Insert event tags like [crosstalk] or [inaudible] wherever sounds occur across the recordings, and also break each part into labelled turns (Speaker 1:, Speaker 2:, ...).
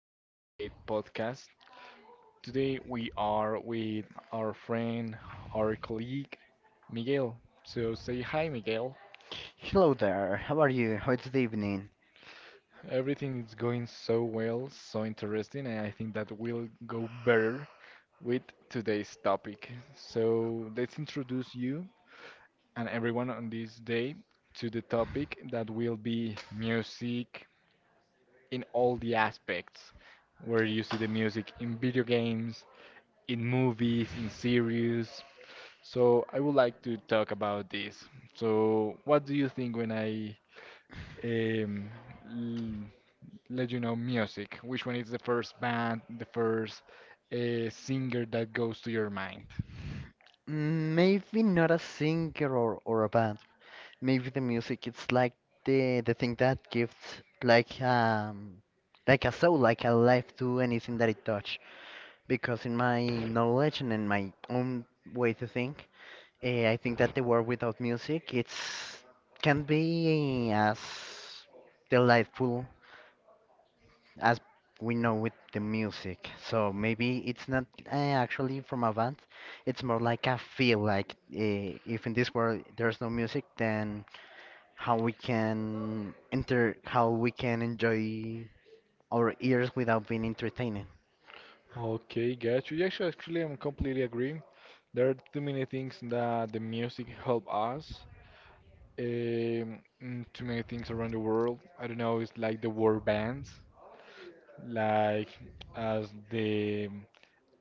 Speaker 1: to today's podcast. Today we are with our friend, our colleague, Miguel. So say hi, Miguel.
Speaker 2: Hello there, how are you? How is the evening?
Speaker 1: Everything is going so well, so interesting, and I think that will go better with today's topic. So let's introduce you and everyone on this day to the topic that will be music, in all the aspects where you see the music in video games, in movies, in series. So I would like to talk about this. So what do you think when I um, l- let you know music? Which one is the first band, the first singer that goes to your mind?
Speaker 2: Maybe not a singer or a band. Maybe the music it's like the thing that gives like um like a soul, like a life to anything that it touch. Because in my knowledge and in my own way to think, I think that the world without music it's can be as delightful as we know with the music. So maybe it's not actually from a band. It's more like a feel. Like if in this world there's no music, then how we can enter, how we can enjoy our ears without being entertaining.
Speaker 1: Okay, gotcha. Actually, actually, I'm completely agree. There are too many things that the music help us. Too many things around the world. I don't know. It's like the war bands, like as the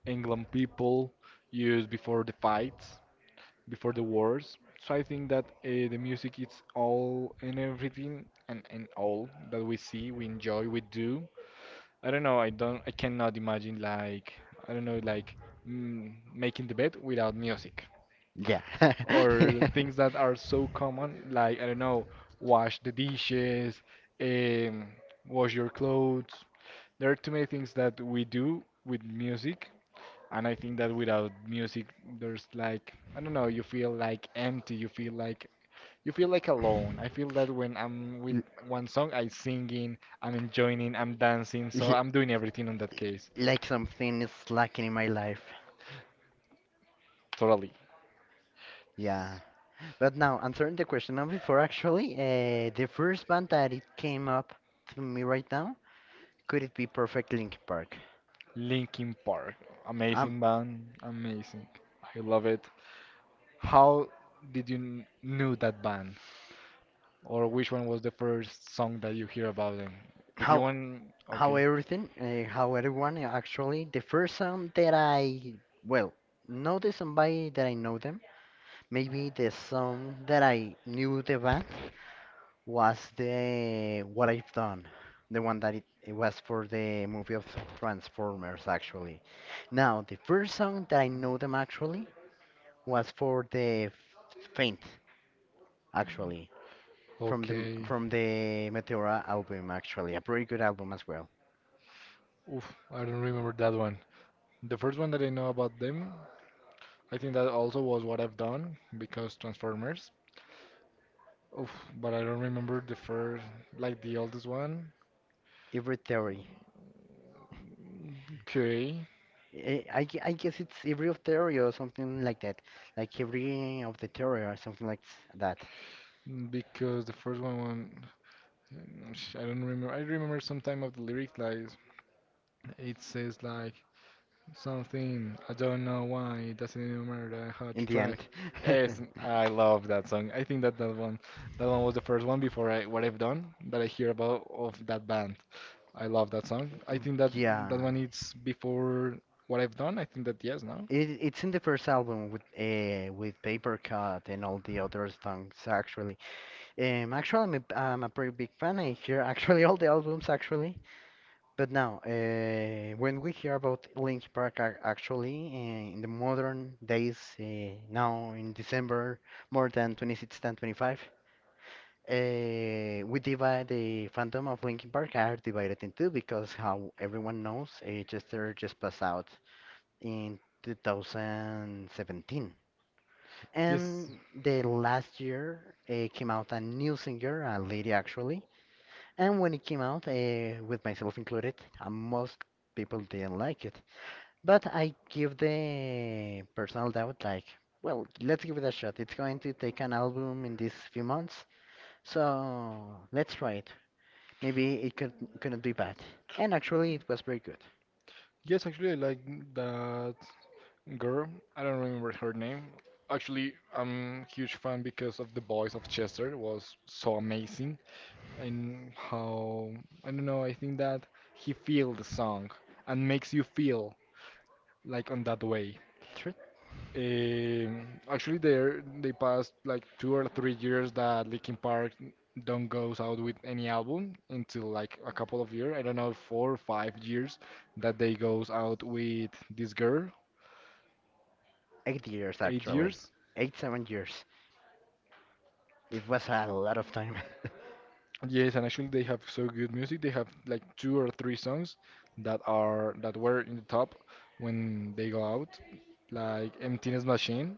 Speaker 1: England people used before the fights, before the wars. So I think that the music is all and everything and all that we see, we enjoy, we do. I don't know. I don't. I cannot imagine like I don't know like making the bed without music.
Speaker 2: Yeah. [laughs]
Speaker 1: Or things that are so common, like, I don't know, wash the dishes, um, wash your clothes. There are too many things that we do with music, and I think that without music, there's like, I don't know, you feel like empty, you feel like alone. I feel that when I'm with one song, I'm singing, I'm enjoying, I'm dancing,
Speaker 2: L-
Speaker 1: so
Speaker 2: y-
Speaker 1: I'm doing everything on that case.
Speaker 2: Like something is lacking in my life.
Speaker 1: Totally.
Speaker 2: Yeah. But now, answering the question of before, actually, the first band that it came up to me right now, could it be Perfect Linkin Park?
Speaker 1: Linkin Park,
Speaker 2: Um,
Speaker 1: amazing band, amazing. I love it. How did you knew that band, or which one was the first song that you hear about them? If you
Speaker 2: how
Speaker 1: want,
Speaker 2: how
Speaker 1: okay.
Speaker 2: everything, how everyone actually, the first song that I well know the somebody that I know them, maybe the song that I knew the band was the What I've Done, the one that it was for the movie of Transformers, actually. Now, the first song that I know them actually was for the Faint, actually,
Speaker 1: Okay.
Speaker 2: from the Meteora album, actually, a pretty good album as well.
Speaker 1: Oof, I don't remember that one. The first one that I know about them, I think that also was What I've Done because Transformers. Oof, but I don't remember the first, like the oldest one.
Speaker 2: Every Theory.
Speaker 1: Okay,
Speaker 2: I guess it's Every of Theory or something like that, like Every of the Theory or something like that.
Speaker 1: mm, because the first one I don't remember. I remember some time of the lyric like it says like something. I don't know why. It doesn't even matter how to
Speaker 2: In the
Speaker 1: track.
Speaker 2: end.
Speaker 1: Yes, I love that song. I think that
Speaker 2: [laughs]
Speaker 1: that one was the first one before I What I've Done that I hear about of that band. I love that song. I think that
Speaker 2: Yeah.
Speaker 1: that one is before What I've Done. I think that yes, no.
Speaker 2: It's in the first album with Paper Cut and all the other songs actually. Actually, I'm a pretty big fan. I hear [laughs] actually all the albums actually. But now, when we hear about Linkin Park actually in the modern days, now in December, more than 26 than 25, uh, we divide the fandom of Linkin Park are divided in two because how everyone knows, Chester just passed out in 2017.
Speaker 1: Yes,
Speaker 2: And the last year came out a new singer, a lady actually. And when it came out, with myself included, most people didn't like it. But I give the personal doubt like, well, let's give it a shot. It's going to take an album in these few months, so let's try it. Maybe it could couldn't be bad. And actually, it was very good.
Speaker 1: yes. Actually, I like that girl. I don't remember her name. Actually, I'm a huge fan because of the voice of Chester. It was so amazing and how I don't know. I think that he feel the song and makes you feel like on that way.
Speaker 2: Thr-
Speaker 1: Actually, there they passed like 2 or 3 years that Linkin Park don't goes out with any album until like a couple of years. I don't know, 4 or 5 years that they goes out with this girl.
Speaker 2: 8 years
Speaker 1: Eight
Speaker 2: actually,
Speaker 1: years.
Speaker 2: 8 7 years. It was a lot of time. [laughs]
Speaker 1: Yes, and actually they have so good music. They have like two or three songs that are that were in the top when they go out, like Emptiness Machine.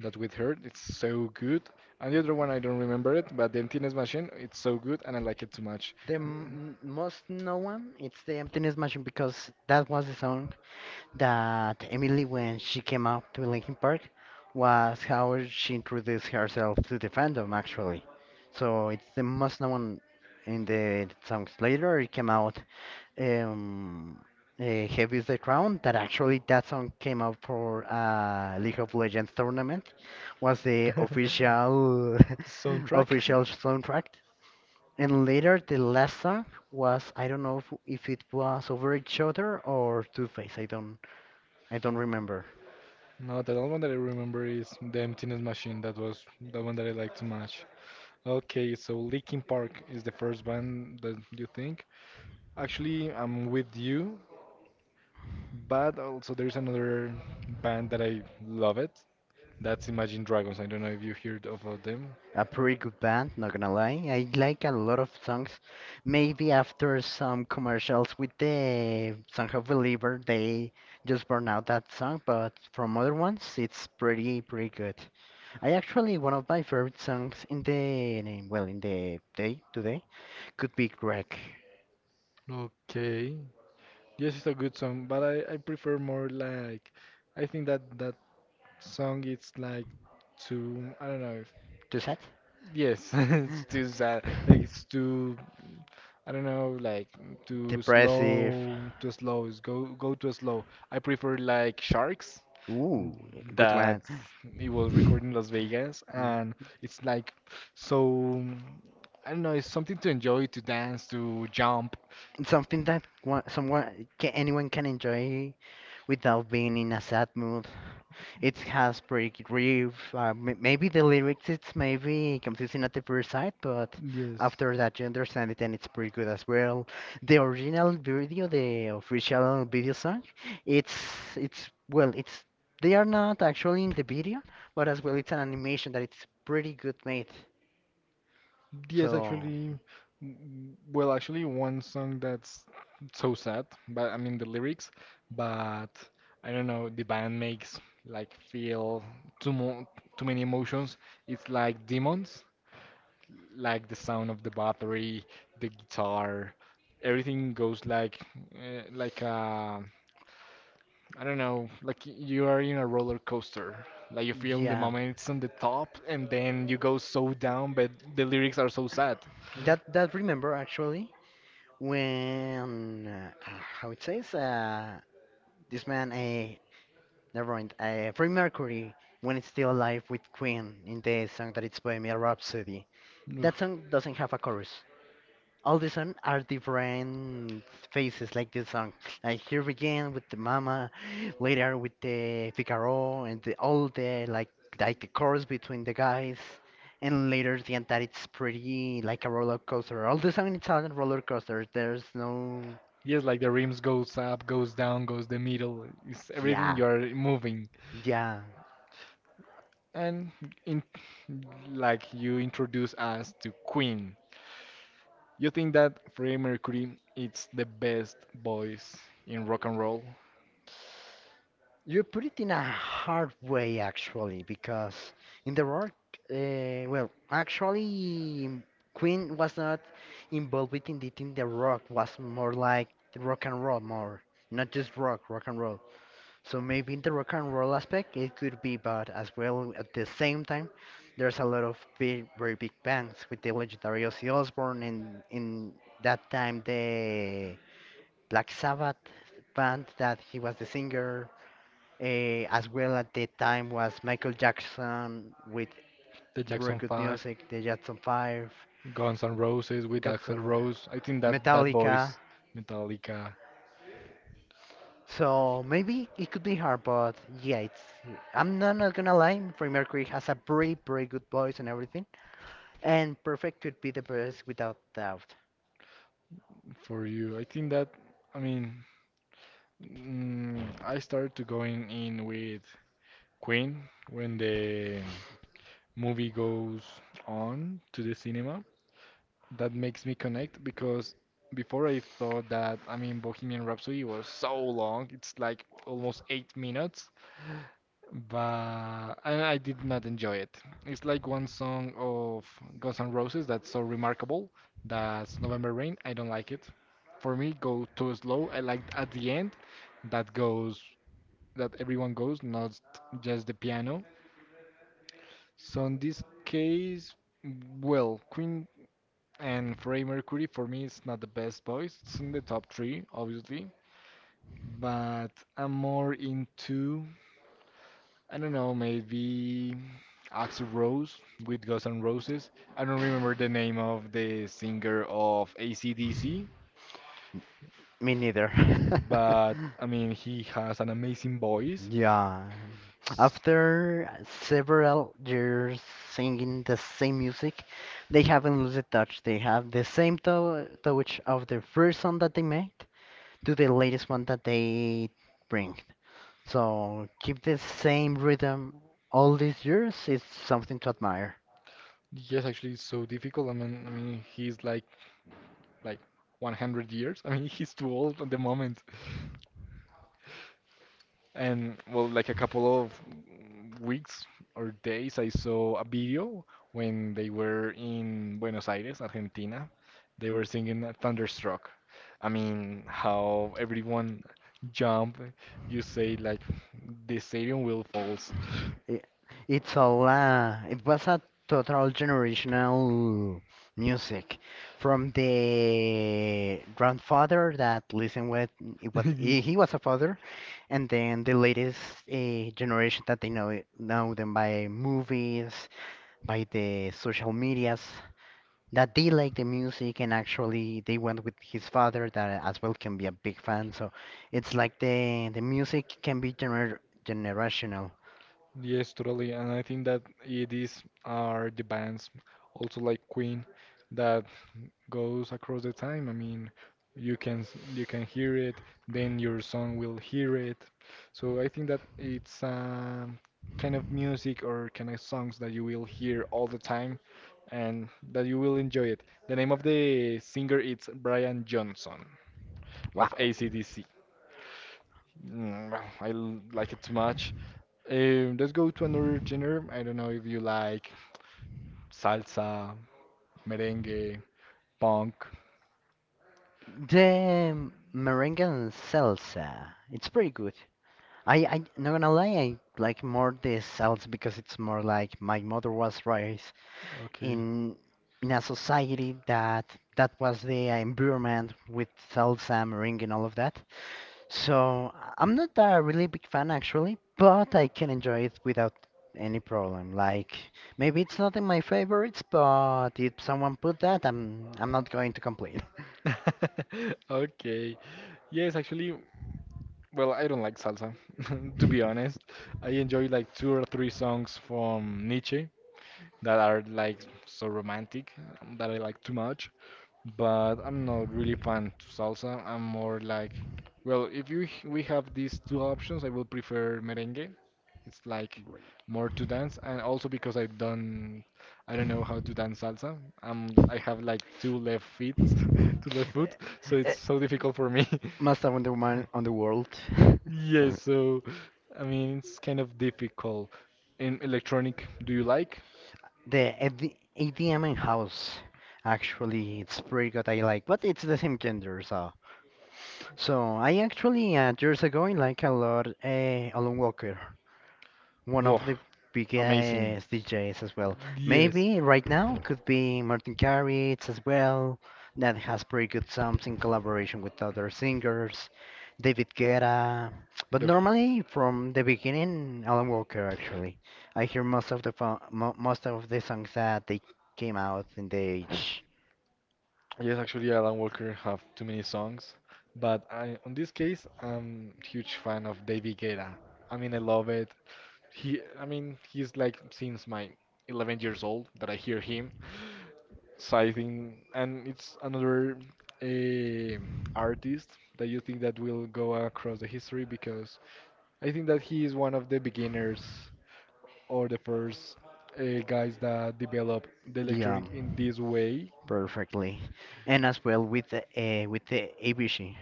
Speaker 1: That with her, it's so good. And the other one, I don't remember it, but the Emptiness Machine, it's so good, and I like it too much.
Speaker 2: The most known one, it's the emptiness machine because that was the song that Emily, when she came out to Linkin Park, was how she introduced herself to the fandom actually. So it's the most known in the songs. Later it came out um, Heavy is the Crown that actually that song came out for League of Legends tournament was the
Speaker 1: [laughs]
Speaker 2: official [laughs]
Speaker 1: Soundtrack.
Speaker 2: official soundtrack. And later, the last song was I don't know if it was Over Each Other or Two Face. I don't remember.
Speaker 1: No, the only one that I remember is the Emptiness Machine. That was the one that I liked too much. Okay, so Linkin Park is the first band that you think. Actually, I'm with you. But also there's another band that I love it. That's Imagine Dragons. I don't know if you heard of them.
Speaker 2: A pretty good band, not gonna lie. I like a lot of songs. Maybe after some commercials with the Song of Believer, they just burn out that song. But from other ones, it's pretty pretty good. I actually one of my favorite songs in the well in the day today could be Greg.
Speaker 1: Okay. Yes, it's a good song, but I prefer more like I think that that song it's like too I don't know if
Speaker 2: Too sad.
Speaker 1: yes, [laughs] it's too sad. Like
Speaker 2: [laughs]
Speaker 1: it's too I don't know, like
Speaker 2: Depressive.
Speaker 1: too slow. It's go too slow. I prefer like Sharks.
Speaker 2: Ooh, good
Speaker 1: That
Speaker 2: one.
Speaker 1: it was recorded in Las Vegas, and it's like so. I don't know. It's something to enjoy, to dance, to jump.
Speaker 2: Something that one, someone can, anyone can enjoy without being in a sad mood. It has pretty good riff. Maybe the lyrics it's maybe confusing at the first sight, but
Speaker 1: Yes.
Speaker 2: after that you understand it and it's pretty good as well. The original video, the official video song, it's it's well, it's they are not actually in the video, but as well it's an animation that it's pretty good made.
Speaker 1: Yes,
Speaker 2: So.
Speaker 1: actually, well, actually, one song that's so sad, but I mean the lyrics, but I don't know, the band makes like feel too mo too many emotions. It's like demons. Like the sound of the battery, the guitar, everything goes like uh, like uh, I don't know, like you are in a roller coaster. Like you feel in the
Speaker 2: Yeah,
Speaker 1: moment it's on the top, and then you go so down, but the lyrics are so sad.
Speaker 2: that remember actually when how it says this man never mind Freddie Mercury when it's still alive with Queen in the song that it's Bohemian Rhapsody. That
Speaker 1: Oof.
Speaker 2: song doesn't have a chorus. All the songs are different faces, like this song like here begin with the mama later with the figaro and the, all the like the chorus between the guys and later the end that it's pretty like a roller coaster all the song it's on a roller coaster there's no
Speaker 1: Yes, like the rims goes up, goes down, goes the middle. It's everything
Speaker 2: yeah
Speaker 1: you are moving,
Speaker 2: yeah.
Speaker 1: and in like you introduce us to Queen. You think that Freddie Mercury is the best voice in rock and roll?
Speaker 2: You put it in a hard way, actually, because in the work, well, actually, Queen was not involved with it in the rock, was more like the rock and roll, more not just rock, rock and roll. So maybe in the rock and roll aspect, it could be, but as well at the same time, there's a lot of big, very big bands with the legendary Ozzy Osbourne, and in that time the Black Sabbath band that he was the singer. As well at the time was Michael Jackson with
Speaker 1: The
Speaker 2: very
Speaker 1: Jackson
Speaker 2: good
Speaker 1: 5,
Speaker 2: music, the Jackson 5,
Speaker 1: Guns N' Roses with
Speaker 2: Guns N'
Speaker 1: Axl
Speaker 2: R-
Speaker 1: Rose. I think that that
Speaker 2: Metallica.
Speaker 1: voice, Metallica,
Speaker 2: So maybe it could be hard, but yeah, it's. I'm not gonna lie, Freddie Mercury has a very good voice and everything, and Perfect could be the best without doubt.
Speaker 1: for you. I think that, I mean, mm, I started to going in with Queen when the movie goes on to the cinema. That makes me connect because before I thought that, I mean, Bohemian Rhapsody was so long, it's like almost 8 minutes, but and I did not enjoy it. It's like one song of Guns N' Roses that's so remarkable, that's November Rain. I don't like it. For me, go too slow. I like at the end that goes, that everyone goes, not just the piano. So in this case, well, Queen and Freddie Mercury, for me, is not the best voice. It's in the top three, obviously. But I'm more into, I don't know, maybe Axl Rose with Guns N' Roses. I don't remember the name of the singer of AC/DC,
Speaker 2: Me neither.
Speaker 1: but I
Speaker 2: [laughs]
Speaker 1: mean, he has an amazing voice.
Speaker 2: Yeah.
Speaker 1: S-
Speaker 2: After several years singing the same music, they haven't lost the touch. They have the same to touch of the first song that they made to the latest one that they bring. So keep the same rhythm all these years is something to admire.
Speaker 1: Yes, actually, it's so difficult. I mean, he's like like 100 years. I mean, [laughs] he's too old at the moment. And well, like a couple of weeks or days, I saw a video when they were in Buenos Aires, Argentina. They were singing Thunderstruck. I mean, how everyone jump, you say like the stadium will falls.
Speaker 2: I- It's a la. It was a total generational music from the grandfather that listened with it was he was a
Speaker 1: [laughs]
Speaker 2: father, and then the latest generation that they know it, know them by movies, by the social medias that they like the music and actually they went with his father that as well can be a big fan. So it's like the music can be generational.
Speaker 1: Yes, totally. And I think that it is are the bands also like Queen that goes across the time. I mean, you can you can hear it, then your son will hear it. So I think that it's kind of music or kind of songs that you will hear all the time, and that you will enjoy it. The name of the singer is Brian Johnson
Speaker 2: Wow.
Speaker 1: of AC/DC. Mm, well, I like it too much. Let's go to another genre. I don't know if you like salsa, merengue, punk.
Speaker 2: The merengue and salsa. It's pretty good. I not gonna lie, I like more the salsa because it's more like my mother was raised
Speaker 1: Okay.
Speaker 2: in in a society that was the environment with salsa, merengue, and all of that. So I'm not a really big fan actually, but I can enjoy it without any problem. Like maybe it's not in my favorites, but if someone put that, I'm not going to complain. [laughs]
Speaker 1: [laughs] Okay. Yes, actually, well, I don't like salsa, [laughs] to be honest. I enjoy like two or three songs from Nietzsche that are like so romantic that I like too much but I'm not really fan to salsa. I'm more like, well, if you we have these two options, I will prefer merengue. It's like
Speaker 2: Great.
Speaker 1: more to dance, and also because I don't know how to dance salsa. I have like two left feet, [laughs] two left foot, so it's
Speaker 2: Eh,
Speaker 1: so difficult for me. [laughs]
Speaker 2: Master Wonder Woman on the world. [laughs]
Speaker 1: Yes,
Speaker 2: Uh,
Speaker 1: so I mean it's kind of difficult. In electronic, do you like?
Speaker 2: the AD ADM in house. Actually, it's pretty good. I like, but it's the same gender, so I actually years ago I like a lot Alan Walker. One
Speaker 1: Whoa,
Speaker 2: of the
Speaker 1: amazing.
Speaker 2: biggest DJs as well.
Speaker 1: Yes.
Speaker 2: Maybe right now could be Martin Garrix as well, that has pretty good songs in collaboration with other singers, David Guetta. But
Speaker 1: Def-
Speaker 2: normally from the beginning, Alan Walker actually. I hear most of the fo- mo most of the songs that they came out in the age.
Speaker 1: Yes, actually, Alan Walker have too many songs, but on this case, I'm huge fan of David Guetta. I mean, I love it. I mean, he's like since my 11 years old that I hear him. So I think, and it's another eh, artist that you think that will go across the history because I think that he is one of the beginners or the first guys that develop the
Speaker 2: Yeah,
Speaker 1: electronic in this way.
Speaker 2: perfectly. And as well with the ABC.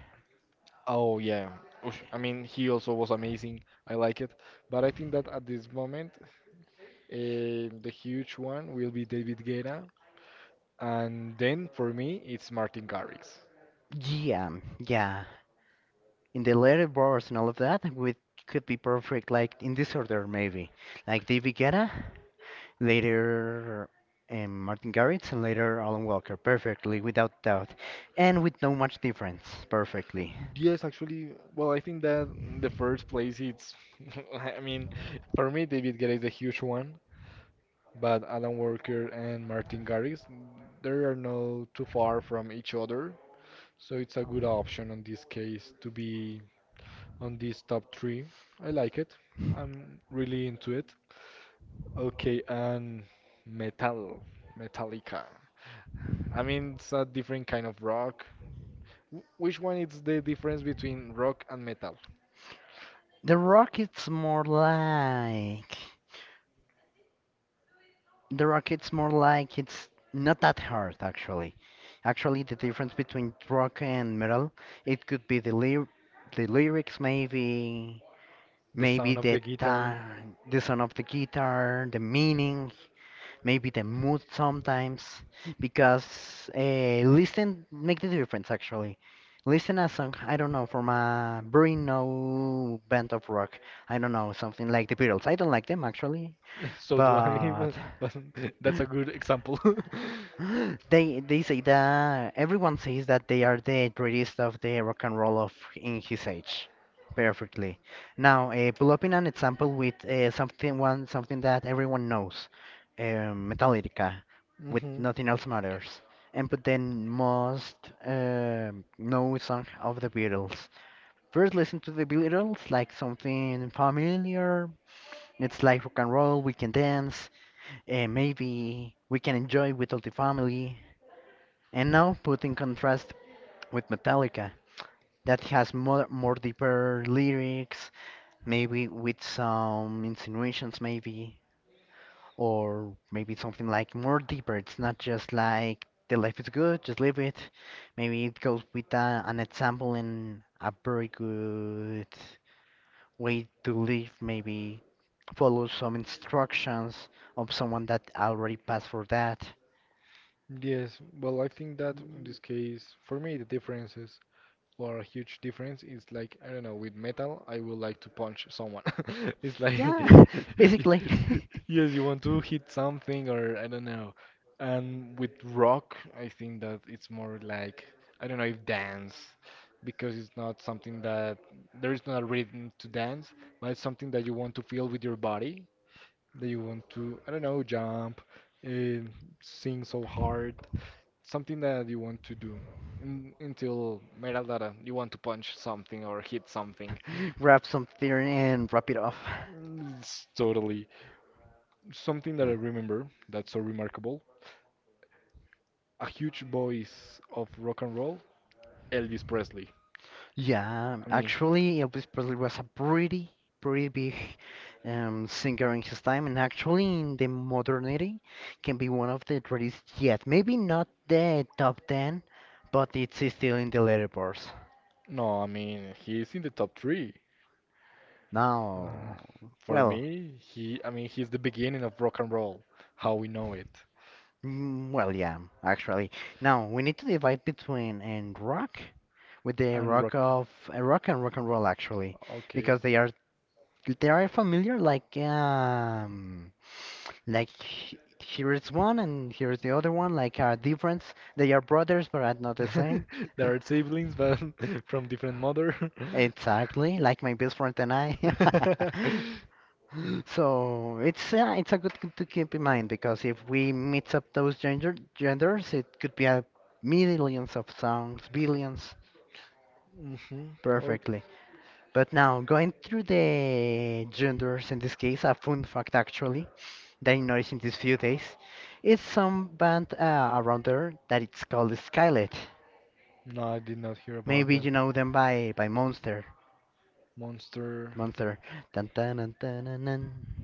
Speaker 1: Oh yeah. Oof, I mean, he also was amazing. I like it. But I think that at this moment, the huge one will be David Guetta. And then for me, it's Martin Garrix.
Speaker 2: Yeah, yeah. In the later bars and all of that with could be perfect like in this order maybe like David Guetta later Martin Garrix and later Alan Walker perfectly without doubt and with no much difference perfectly.
Speaker 1: Yes, actually, well, I think that the first place it's, [laughs] I mean, for me, David Guetta is a huge one, but Alan Walker and Martin Garrix, they are not too far from each other, so it's a good option in this case to be on these top three. I like it. I'm really into it. Okay, and metal, Metallica. I mean, it's a different kind of rock. Which one is the difference between rock and metal?
Speaker 2: The rock it's more like the rock it's more like it's not that hard actually actually the difference between rock and metal it could be the lyrics maybe.
Speaker 1: The
Speaker 2: Maybe
Speaker 1: sound of
Speaker 2: the
Speaker 1: the guitar. [laughs]
Speaker 2: time, the sound of the guitar, the meaning, maybe the mood sometimes, because listen make the difference actually. Listen a song, I don't know, from a very no band of rock. I don't know, something like the Beatles. I don't like them actually,
Speaker 1: So do I,
Speaker 2: but
Speaker 1: [laughs] but
Speaker 2: [laughs]
Speaker 1: that's a good example. [laughs]
Speaker 2: [gasps] they say that everyone says that they are the greatest of the rock and roll of in his age. Perfectly. Now, pull up in an example with something that everyone knows, Metallica, with
Speaker 1: hmm
Speaker 2: Nothing Else Matters, and put the most uh, known song of the Beatles. First, listen to the Beatles like something familiar. It's like rock and roll. We can dance maybe we can enjoy with all the family. And now put in contrast with Metallica, that has more, more deeper lyrics, maybe with some insinuations, maybe, or maybe something like more deeper. It's not just like the life is good, just live it. Maybe it goes with an example and a very good way to live, maybe follow some instructions of someone that already passed for that.
Speaker 1: Yes, well, I think that in this case, for me, the difference is or a huge difference is like, I don't know, with metal I would like to punch someone. [laughs] It's like
Speaker 2: Yeah, [laughs] basically. [laughs]
Speaker 1: [laughs] yes, you want to hit something, or I don't know. And with rock I think that it's more like, I don't know, if dance, because it's not something that there is not a rhythm to dance, but it's something that you want to feel with your body, that you want to, I don't know, jump and sing so hard, something that you want to do un until Meraldara, you want to punch something or hit something.
Speaker 2: Grab something and wrap it off.
Speaker 1: Mm, it's totally something that I remember that's so remarkable. A huge voice of rock and roll, Elvis Presley.
Speaker 2: Yeah,
Speaker 1: I mean,
Speaker 2: actually, Elvis Presley was a pretty, pretty big singer in his time, and actually, in the modernity, can be one of the greatest yet. Maybe not the top 10, but it's still in the letter bars.
Speaker 1: no, I mean, he's in the top three. Uh,
Speaker 2: Now,
Speaker 1: for
Speaker 2: well,
Speaker 1: me, he, I mean, he's the beginning of rock and roll, how we know it,
Speaker 2: Well, yeah, actually. Now we need to divide between and rock with the
Speaker 1: and rock.
Speaker 2: rock of rock and rock and roll actually,
Speaker 1: Okay.
Speaker 2: because they are familiar like like h- here is one and here is the other one like are different. They are brothers but are not the same. [laughs]
Speaker 1: [laughs] There are siblings, but [laughs] from different mother. [laughs]
Speaker 2: Exactly, like my best friend and I. [laughs] So it's a good thing to keep in mind because if we mix up those genders, it could be a millions of songs, billions,
Speaker 1: hmm Oh,
Speaker 2: perfectly. But now going through the genders in this case, a fun fact actually that I noticed in these few days, is some band around there that it's called Skylet.
Speaker 1: no, I did not hear about
Speaker 2: Maybe
Speaker 1: them.
Speaker 2: you know them by Monster,
Speaker 1: Monster.
Speaker 2: Monster. Dun, dun, dun, dun, dun,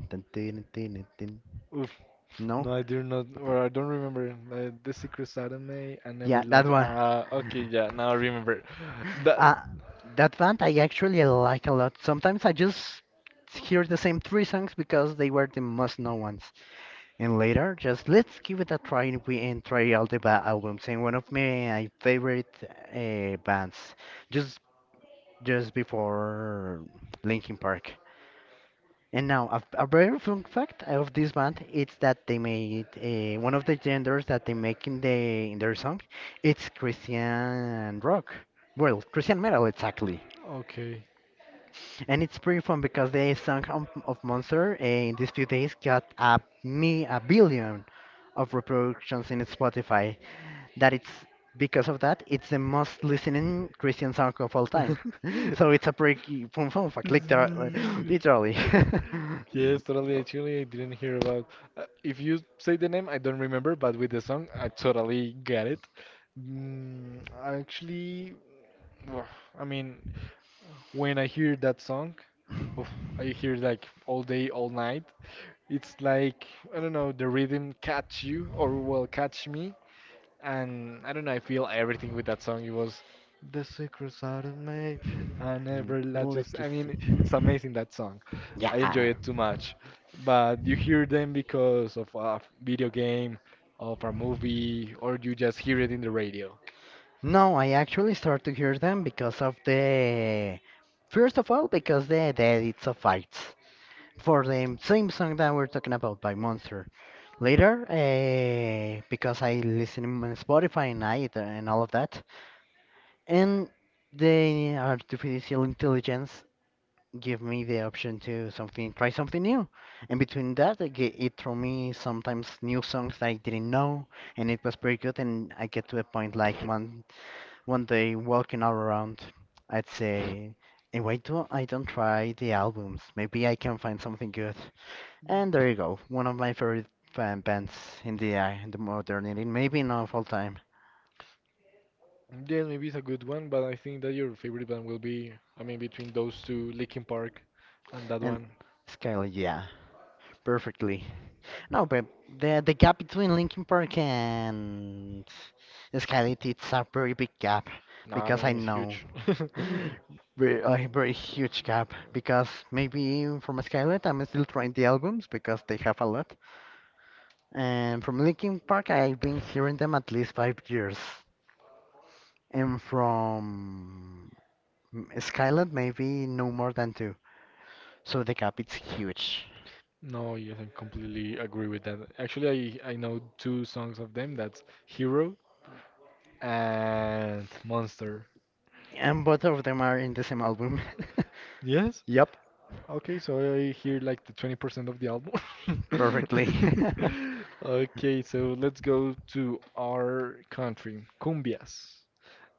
Speaker 2: dun, dun, dun, dun, dun.
Speaker 1: Oof.
Speaker 2: No.
Speaker 1: No, I do not, or I don't remember. The Secret Anime, I
Speaker 2: Yeah,
Speaker 1: never
Speaker 2: that
Speaker 1: liked.
Speaker 2: one.
Speaker 1: Ah, okay, yeah, now I remember.
Speaker 2: [laughs]
Speaker 1: That.
Speaker 2: Uh, that band I actually like a lot. Sometimes I just hear the same three songs because they were the most known ones. And later, just let's give it a try and we and try all the albums. And one of my favorite bands, just just before Linkin Park. And now, a very fun fact of this band is that they made one of the genders that they make in their song. It's Christian rock, well, Christian metal exactly.
Speaker 1: Okay.
Speaker 2: And it's pretty fun because the song of Monster in these few days got a me a billion of reproductions in Spotify that it's because of that it's the most listening Christian song of all time.
Speaker 1: [laughs]
Speaker 2: [laughs] So it's a pretty fun fact, literally. [laughs]
Speaker 1: Z-
Speaker 2: Literally. [laughs]
Speaker 1: Yes, totally. Actually, I didn't hear about. If you say the name, I don't remember, but with the song, I totally get it. Mm, actually, wha- I mean, when I hear that song, oof, I hear like all day, all night. It's like, I don't know, the rhythm catch you, or well, catch me, and I don't know, I feel everything with that song. It was the secret side of me. I never let
Speaker 2: Let's
Speaker 1: just. I
Speaker 2: just
Speaker 1: mean, it's
Speaker 2: see.
Speaker 1: amazing that song. I enjoy
Speaker 2: Yeah.
Speaker 1: it too much. But you hear them because of a video game, of a movie, or you just hear it in the radio?
Speaker 2: No, I actually start to hear them because of the first of all because the edits of fights for the same song that we're talking about by Monster. Later, because I listen on Spotify and all of that, and the artificial intelligence give me the option to something, try something new. And between that, I get, it threw me sometimes new songs that I didn't know, and it was pretty good. And I get to a point like one day walking all around, I'd say, "Hey, why do I don't try the albums? Maybe I can find something good." And there you go, one of my favorite fan bands in the modernity, maybe not of all time.
Speaker 1: Yeah, maybe it's a good one, but I think that your favorite band will be, I mean, between those two, Linkin Park and that
Speaker 2: And
Speaker 1: one.
Speaker 2: Skylar, yeah, perfectly. No, but the gap between Linkin Park and Skylit it's a very big gap
Speaker 1: Nah, I
Speaker 2: because I
Speaker 1: mean, it's
Speaker 2: know
Speaker 1: huge. [laughs]
Speaker 2: [laughs] a very huge gap because maybe from Skylit I'm still trying the albums because they have a lot, and from Linkin Park I've been hearing them at least 5 years, and from Skylit maybe no more than two. So the gap is huge,
Speaker 1: No, yes, I completely agree with that. Actually, I know two songs of them. That's Hero and Monster.
Speaker 2: and both of them are in the same album. [laughs]
Speaker 1: Yes.
Speaker 2: Yep.
Speaker 1: Okay, so I hear like the 20% of the album.
Speaker 2: Perfectly. [laughs]
Speaker 1: [laughs] Okay, so let's go to our country, cumbias.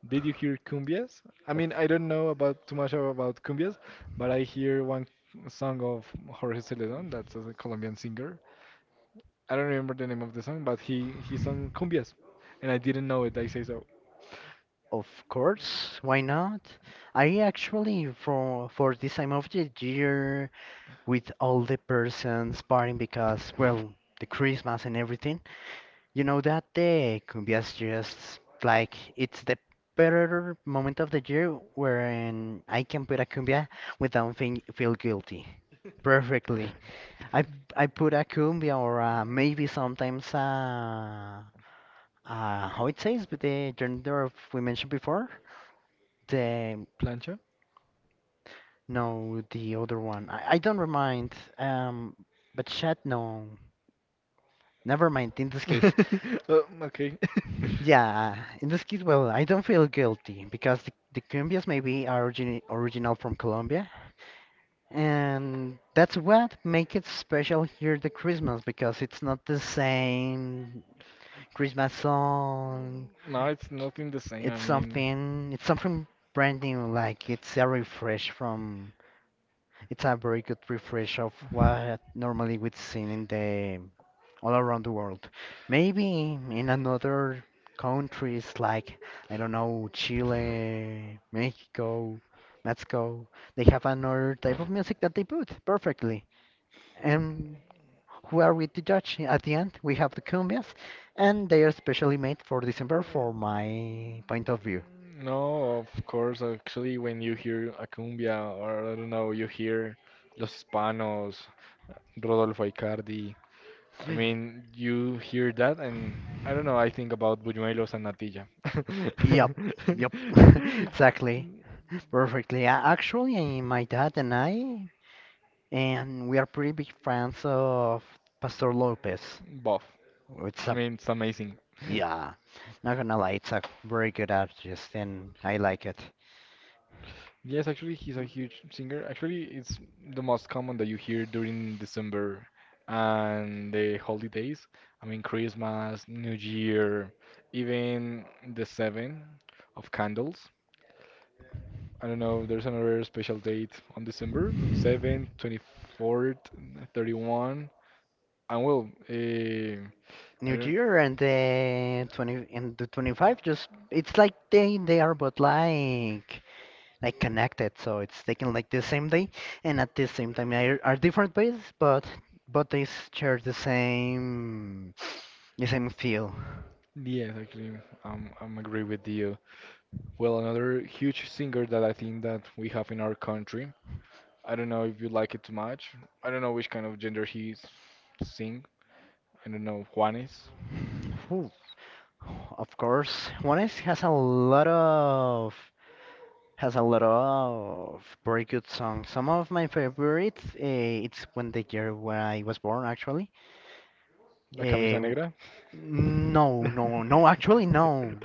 Speaker 1: Did you hear cumbias? I mean, I don't know about too much about cumbias, but I hear one song of Jorge Celedón, that's a Colombian singer. I don't remember the name of the song, but he sung cumbias, and I didn't know it. I say so.
Speaker 2: Of course, why not? I actually for this time of the year with all the persons partying because well, the Christmas and everything. You know that the cumbias just like it's the better moment of the year wherein I can put a cumbia without think, feel guilty. Perfectly. I I put a cumbia or maybe sometimes how it says with the gender of we mentioned before. The
Speaker 1: Plancha.
Speaker 2: no The other one. I don't remind but chat no. Never mind in this case.
Speaker 1: [laughs] Okay.
Speaker 2: Yeah, in this case, well, I don't feel guilty because the cumbias maybe are original from Colombia, and that's what make it special here the Christmas because it's not the same Christmas song.
Speaker 1: [laughs] No, it's nothing the same. I mean,
Speaker 2: It's something brand new. Like it's a refresh from, it's a very good refresh of what normally we'd seen in the all around the world. Maybe in another countries like I don't know Chile, Mexico, they have another type of music that they put perfectly. And who are we to judge? At the end, we have the cumbias, and they are specially made for December, for my point of view.
Speaker 1: no, of course. Actually, when you hear a cumbia, or I don't know, you hear Los Hispanos, Rodolfo Icardi. I mean, you hear that, and I don't know. I think about Buñuelos and Natilla.
Speaker 2: Yep, yep, [laughs] exactly. Perfectly. Actually, my dad and I, and we are pretty big fans of Pastor Lopez.
Speaker 1: [laughs] Buff.
Speaker 2: It's
Speaker 1: I
Speaker 2: a
Speaker 1: mean, it's amazing. [laughs]
Speaker 2: yeah. Not gonna lie, it's a very good artist, and I like it.
Speaker 1: Yes, actually, he's a huge singer. Actually, it's the most common that you hear during December and the holidays. I mean, Christmas, New Year, even the seven of candles. I don't know, there's another special date on December, 7th, 24th, 31st. And well, I
Speaker 2: New
Speaker 1: don't,
Speaker 2: Year and the 20 and the 25 just it's like they are both like connected, so it's taken like the same day and at the same time they are different ways, but they share the same feel.
Speaker 1: yes, actually, I'm agree with you. Well, another huge singer that I think that we have in our country. I don't know if you like it too much. I don't know which kind of gender he sing. I don't know. Juanes,
Speaker 2: Ooh. Of course, one is has a lot of has a lot of very good songs. Some of my favorites, it's when the year where I was born, actually.
Speaker 1: La Camisa
Speaker 2: Uh,
Speaker 1: Negra.
Speaker 2: no,
Speaker 1: [laughs]
Speaker 2: actually, no.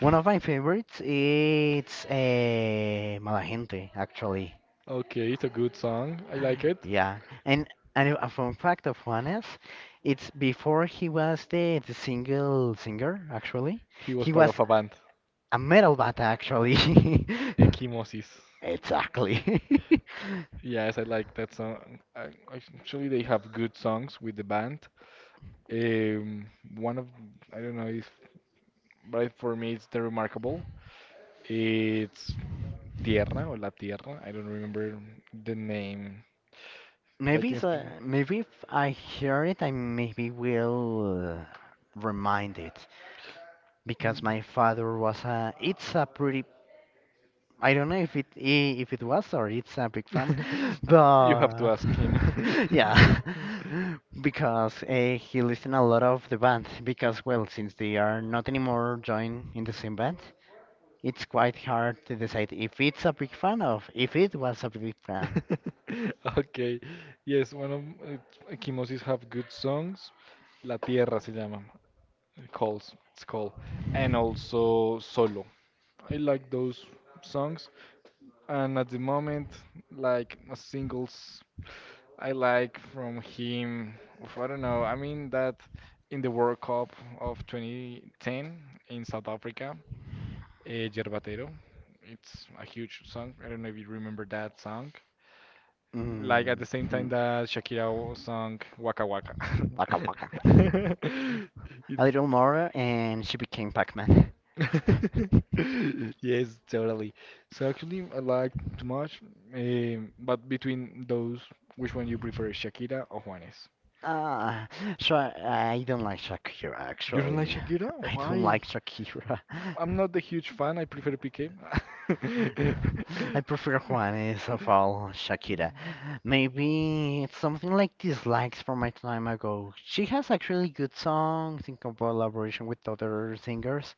Speaker 2: One of my favorites, it's Mala Gente, actually.
Speaker 1: Okay, it's a good song. I like it.
Speaker 2: Yeah, and a fun fact of Juanes, it's before he was the single singer, actually.
Speaker 1: He was
Speaker 2: He
Speaker 1: part of
Speaker 2: was
Speaker 1: a band,
Speaker 2: a metal bat, actually. [laughs]
Speaker 1: Equimosis.
Speaker 2: Exactly. [laughs]
Speaker 1: Yes, I like that song. I, actually, they have good songs with the band. Um, One of I don't know if, but for me, it's the Remarkable. It's Tierra or La Tierra. I don't remember the name. Like
Speaker 2: Maybe
Speaker 1: in
Speaker 2: so, maybe if I hear it, I maybe will remind it because
Speaker 1: Mm.
Speaker 2: my father was a. It's a pretty. I don't know if if it was or it's a big fan, [gasps] [laughs]
Speaker 1: [laughs] You have to
Speaker 2: but
Speaker 1: ask him. [laughs]
Speaker 2: [laughs] yeah, [laughs] because he listened a lot of the band because well, since they are not anymore joined in the same band, it's quite hard to decide if it's a big fan of if it was a big fan.
Speaker 1: Okay. Yes, one of Kimosis have good songs. La Tierra se llama. It Calls. It's called. And also Solo. I like those songs. And at the moment, like a single I like from him, oof, I don't know, I mean that in the World Cup of 2010 in South Africa, eh, Yerbatero, it's a huge song. I don't know if you remember that song. Like at the same time
Speaker 2: Mhm.
Speaker 1: that Shakira sung Waka Waka.
Speaker 2: Waka waka.
Speaker 1: [laughs]
Speaker 2: [laughs]
Speaker 1: It's-
Speaker 2: A little
Speaker 1: [laughs]
Speaker 2: more, and she became Pac-Man. [laughs]
Speaker 1: Yes, totally. So actually, I like too much. But between those, which one you prefer, Shakira or Juanes?
Speaker 2: Ah, so I don't like Shakira
Speaker 1: You don't like
Speaker 2: actually.
Speaker 1: Shakira?
Speaker 2: [laughs] I don't like
Speaker 1: Why?
Speaker 2: Shakira. [laughs]
Speaker 1: I'm not a huge fan. I prefer PK. [laughs]
Speaker 2: I prefer Juanes of all Shakira. Maybe it's something like dislikes from my time ago. She has actually good songs in collaboration with other singers,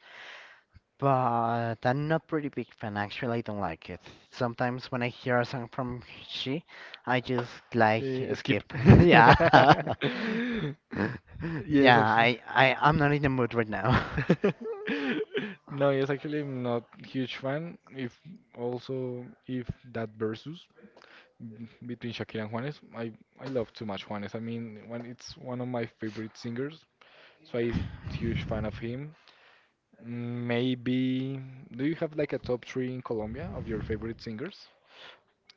Speaker 2: but I'm not pretty big fan actually. I don't like it. Sometimes when I hear a song from she, I just like
Speaker 1: Mm, eh, skip.
Speaker 2: skip. [laughs] Yeah. [laughs]
Speaker 1: [laughs] Yes,
Speaker 2: Yeah,
Speaker 1: actually.
Speaker 2: I'm not in the mood right now.
Speaker 1: [laughs]
Speaker 2: [laughs]
Speaker 1: No, yes, actually, I'm not huge fan. If also if that versus between Shakira and Juanes, I love too much Juanes. I mean, when it's one of my favorite singers, so I'm huge fan of him. Maybe. Do you have like a top three in Colombia of your favorite singers?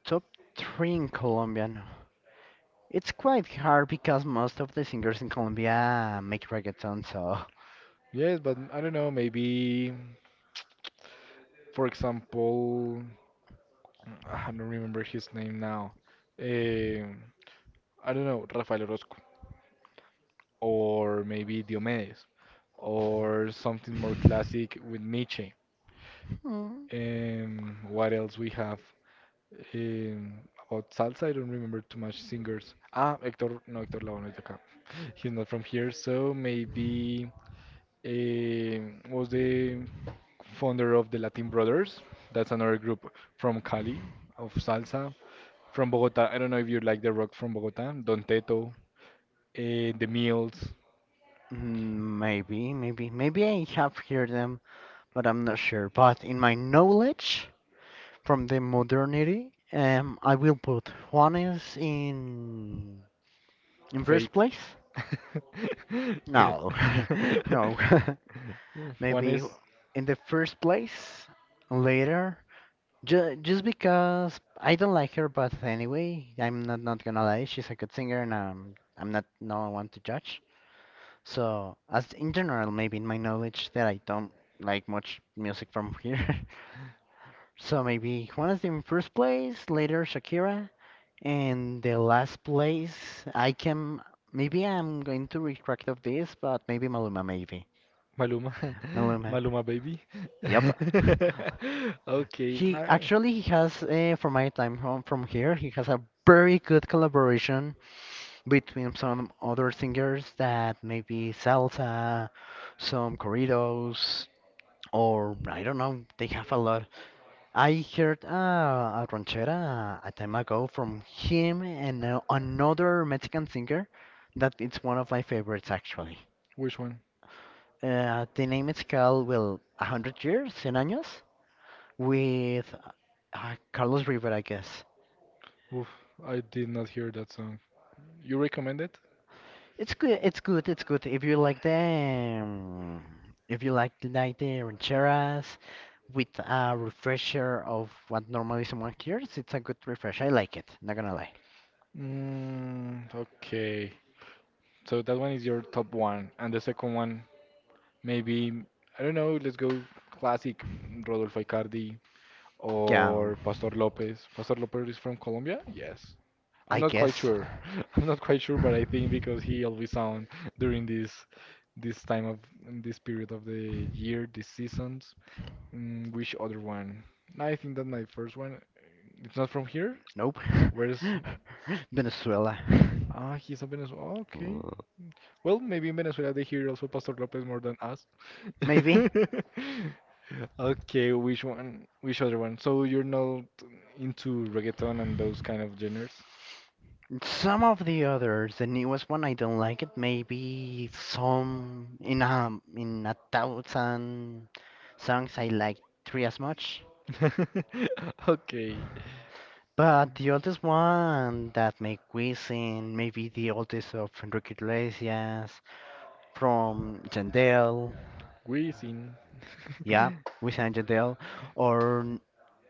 Speaker 2: Top three in Colombian. It's quite hard because most of the singers in Colombia make reggaeton, so
Speaker 1: Yes, but I don't know. Maybe, for example, ah, I don't remember his name now. Um I don't know, Rafael Orozco, or maybe Diomedes, or something more classic with Nietzsche.
Speaker 2: [laughs] Hmm.
Speaker 1: What else we have? Um, about salsa, I don't remember too much singers. Ah, Hector, no, Hector Lavoe no es de acá. [laughs] He's not from here, so maybe eh, was the founder of the Latin Brothers. That's another group from Cali, of salsa, from Bogota. I don't know if you like the rock from Bogota. Don Teto, The Mills,
Speaker 2: Maybe I have heard them, but I'm not sure. But in my knowledge, from the modernity, I will put Juanes in first
Speaker 1: Faith.
Speaker 2: place.
Speaker 1: [laughs]
Speaker 2: No, [laughs] no, [laughs]
Speaker 1: Juan
Speaker 2: maybe in the first place later. Just because I don't like her, but anyway, I'm not not gonna lie. She's a good singer, and I'm not no one to judge. So as in general, maybe in my knowledge that I don't like much music from [laughs] here. So maybe Juanes in first place, later Shakira, and the last place I can maybe I'm going to retract of this, but maybe Maluma maybe.
Speaker 1: Maluma, [laughs]
Speaker 2: Maluma.
Speaker 1: Maluma baby.
Speaker 2: Yep. [laughs]
Speaker 1: [laughs] Okay,
Speaker 2: He
Speaker 1: nah.
Speaker 2: actually has from my time home from here, he has a very good collaboration between some other singers that maybe salsa, some corridos, or I don't know, they have a lot. I heard a ranchera a time ago from him and another Mexican singer that it's one of my favorites actually.
Speaker 1: Which one?
Speaker 2: The name is called, well, 100 Years, cien Años, with Carlos River, I guess.
Speaker 1: Oof, I did not hear that song. You recommend it?
Speaker 2: It's good, it's good, it's good. If you like if you like the rancheras with a refresher of what normally someone hears, it's a good refresh. I like it, not gonna lie.
Speaker 1: Mm, okay. So that one is your top one, and the second one maybe I don't know. Let's go classic, mm, Rodolfo Icardi
Speaker 2: Yeah,
Speaker 1: or Pastor Lopez. Pastor Lopez is from Colombia. Yes,
Speaker 2: I
Speaker 1: I'm not quite
Speaker 2: guess.
Speaker 1: sure. [laughs] I'm not quite sure, but I think because he always sound during this time of this period of the year, these seasons. Mm, which other one? I think that my first one. It's not from here.
Speaker 2: Nope.
Speaker 1: Where's
Speaker 2: [laughs] Venezuela.
Speaker 1: ah? He's a Venezuela. Oh, okay.
Speaker 2: Uh,
Speaker 1: Well, maybe in Venezuela they hear also Pastor Lopez more than us.
Speaker 2: Maybe.
Speaker 1: [laughs] Okay, which one? Which other one? So you're not into reggaeton and those kind of genres?
Speaker 2: Some of the others, the newest one, I don't like it. Maybe some in a thousand songs, I like three as much.
Speaker 1: [laughs] Okay,
Speaker 2: But the oldest one that make Wisin, maybe the oldest of Enrique Iglesias, from Yandel,
Speaker 1: Wisin.
Speaker 2: yeah,
Speaker 1: [laughs]
Speaker 2: Wisin and Yandel, or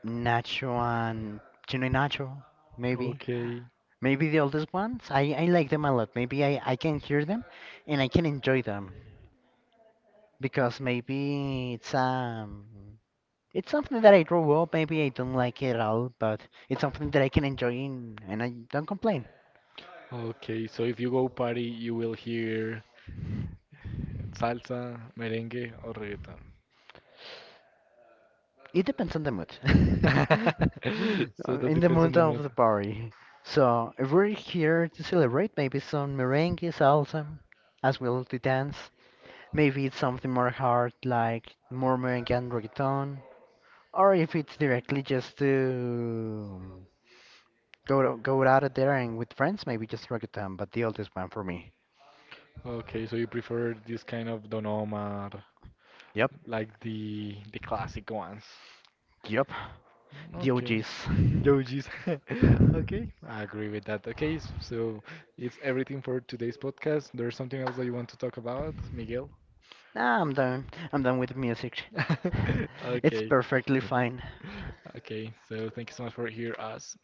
Speaker 2: Nacho and Chino y Nacho, maybe.
Speaker 1: Okay,
Speaker 2: Maybe the oldest ones. I like them a lot. I can hear them and I can enjoy them because maybe it's something that I grew up. Maybe I don't like it at all, but it's something that I can enjoy in, and I don't complain.
Speaker 1: okay. So if you go party, you will hear salsa, merengue, or reggaeton.
Speaker 2: It depends on the mood. [laughs]
Speaker 1: [laughs] So that
Speaker 2: In the
Speaker 1: depends on
Speaker 2: mood
Speaker 1: the
Speaker 2: of
Speaker 1: mood.
Speaker 2: the party. So if we're here to celebrate, maybe some merengue salsa as well as the dance. Maybe it's something more hard, like more merengue and reggaeton. Or if it's directly just to go out of there and with friends, maybe just reggaeton, but the oldest one for me.
Speaker 1: Okay, so you prefer this kind of Don Omar,
Speaker 2: Yep,
Speaker 1: like the classic ones.
Speaker 2: yep.
Speaker 1: Mm,
Speaker 2: The
Speaker 1: okay.
Speaker 2: OGs.
Speaker 1: Yojis. [laughs] Okay, I agree with that. Okay, so it's everything for today's podcast. There's something else that you want to talk about, Miguel?
Speaker 2: Nah, I'm done. I'm done with music. [laughs]
Speaker 1: [laughs]
Speaker 2: It's
Speaker 1: Okay. [laughs]
Speaker 2: perfectly fine.
Speaker 1: Okay, so thank you so much for hear us.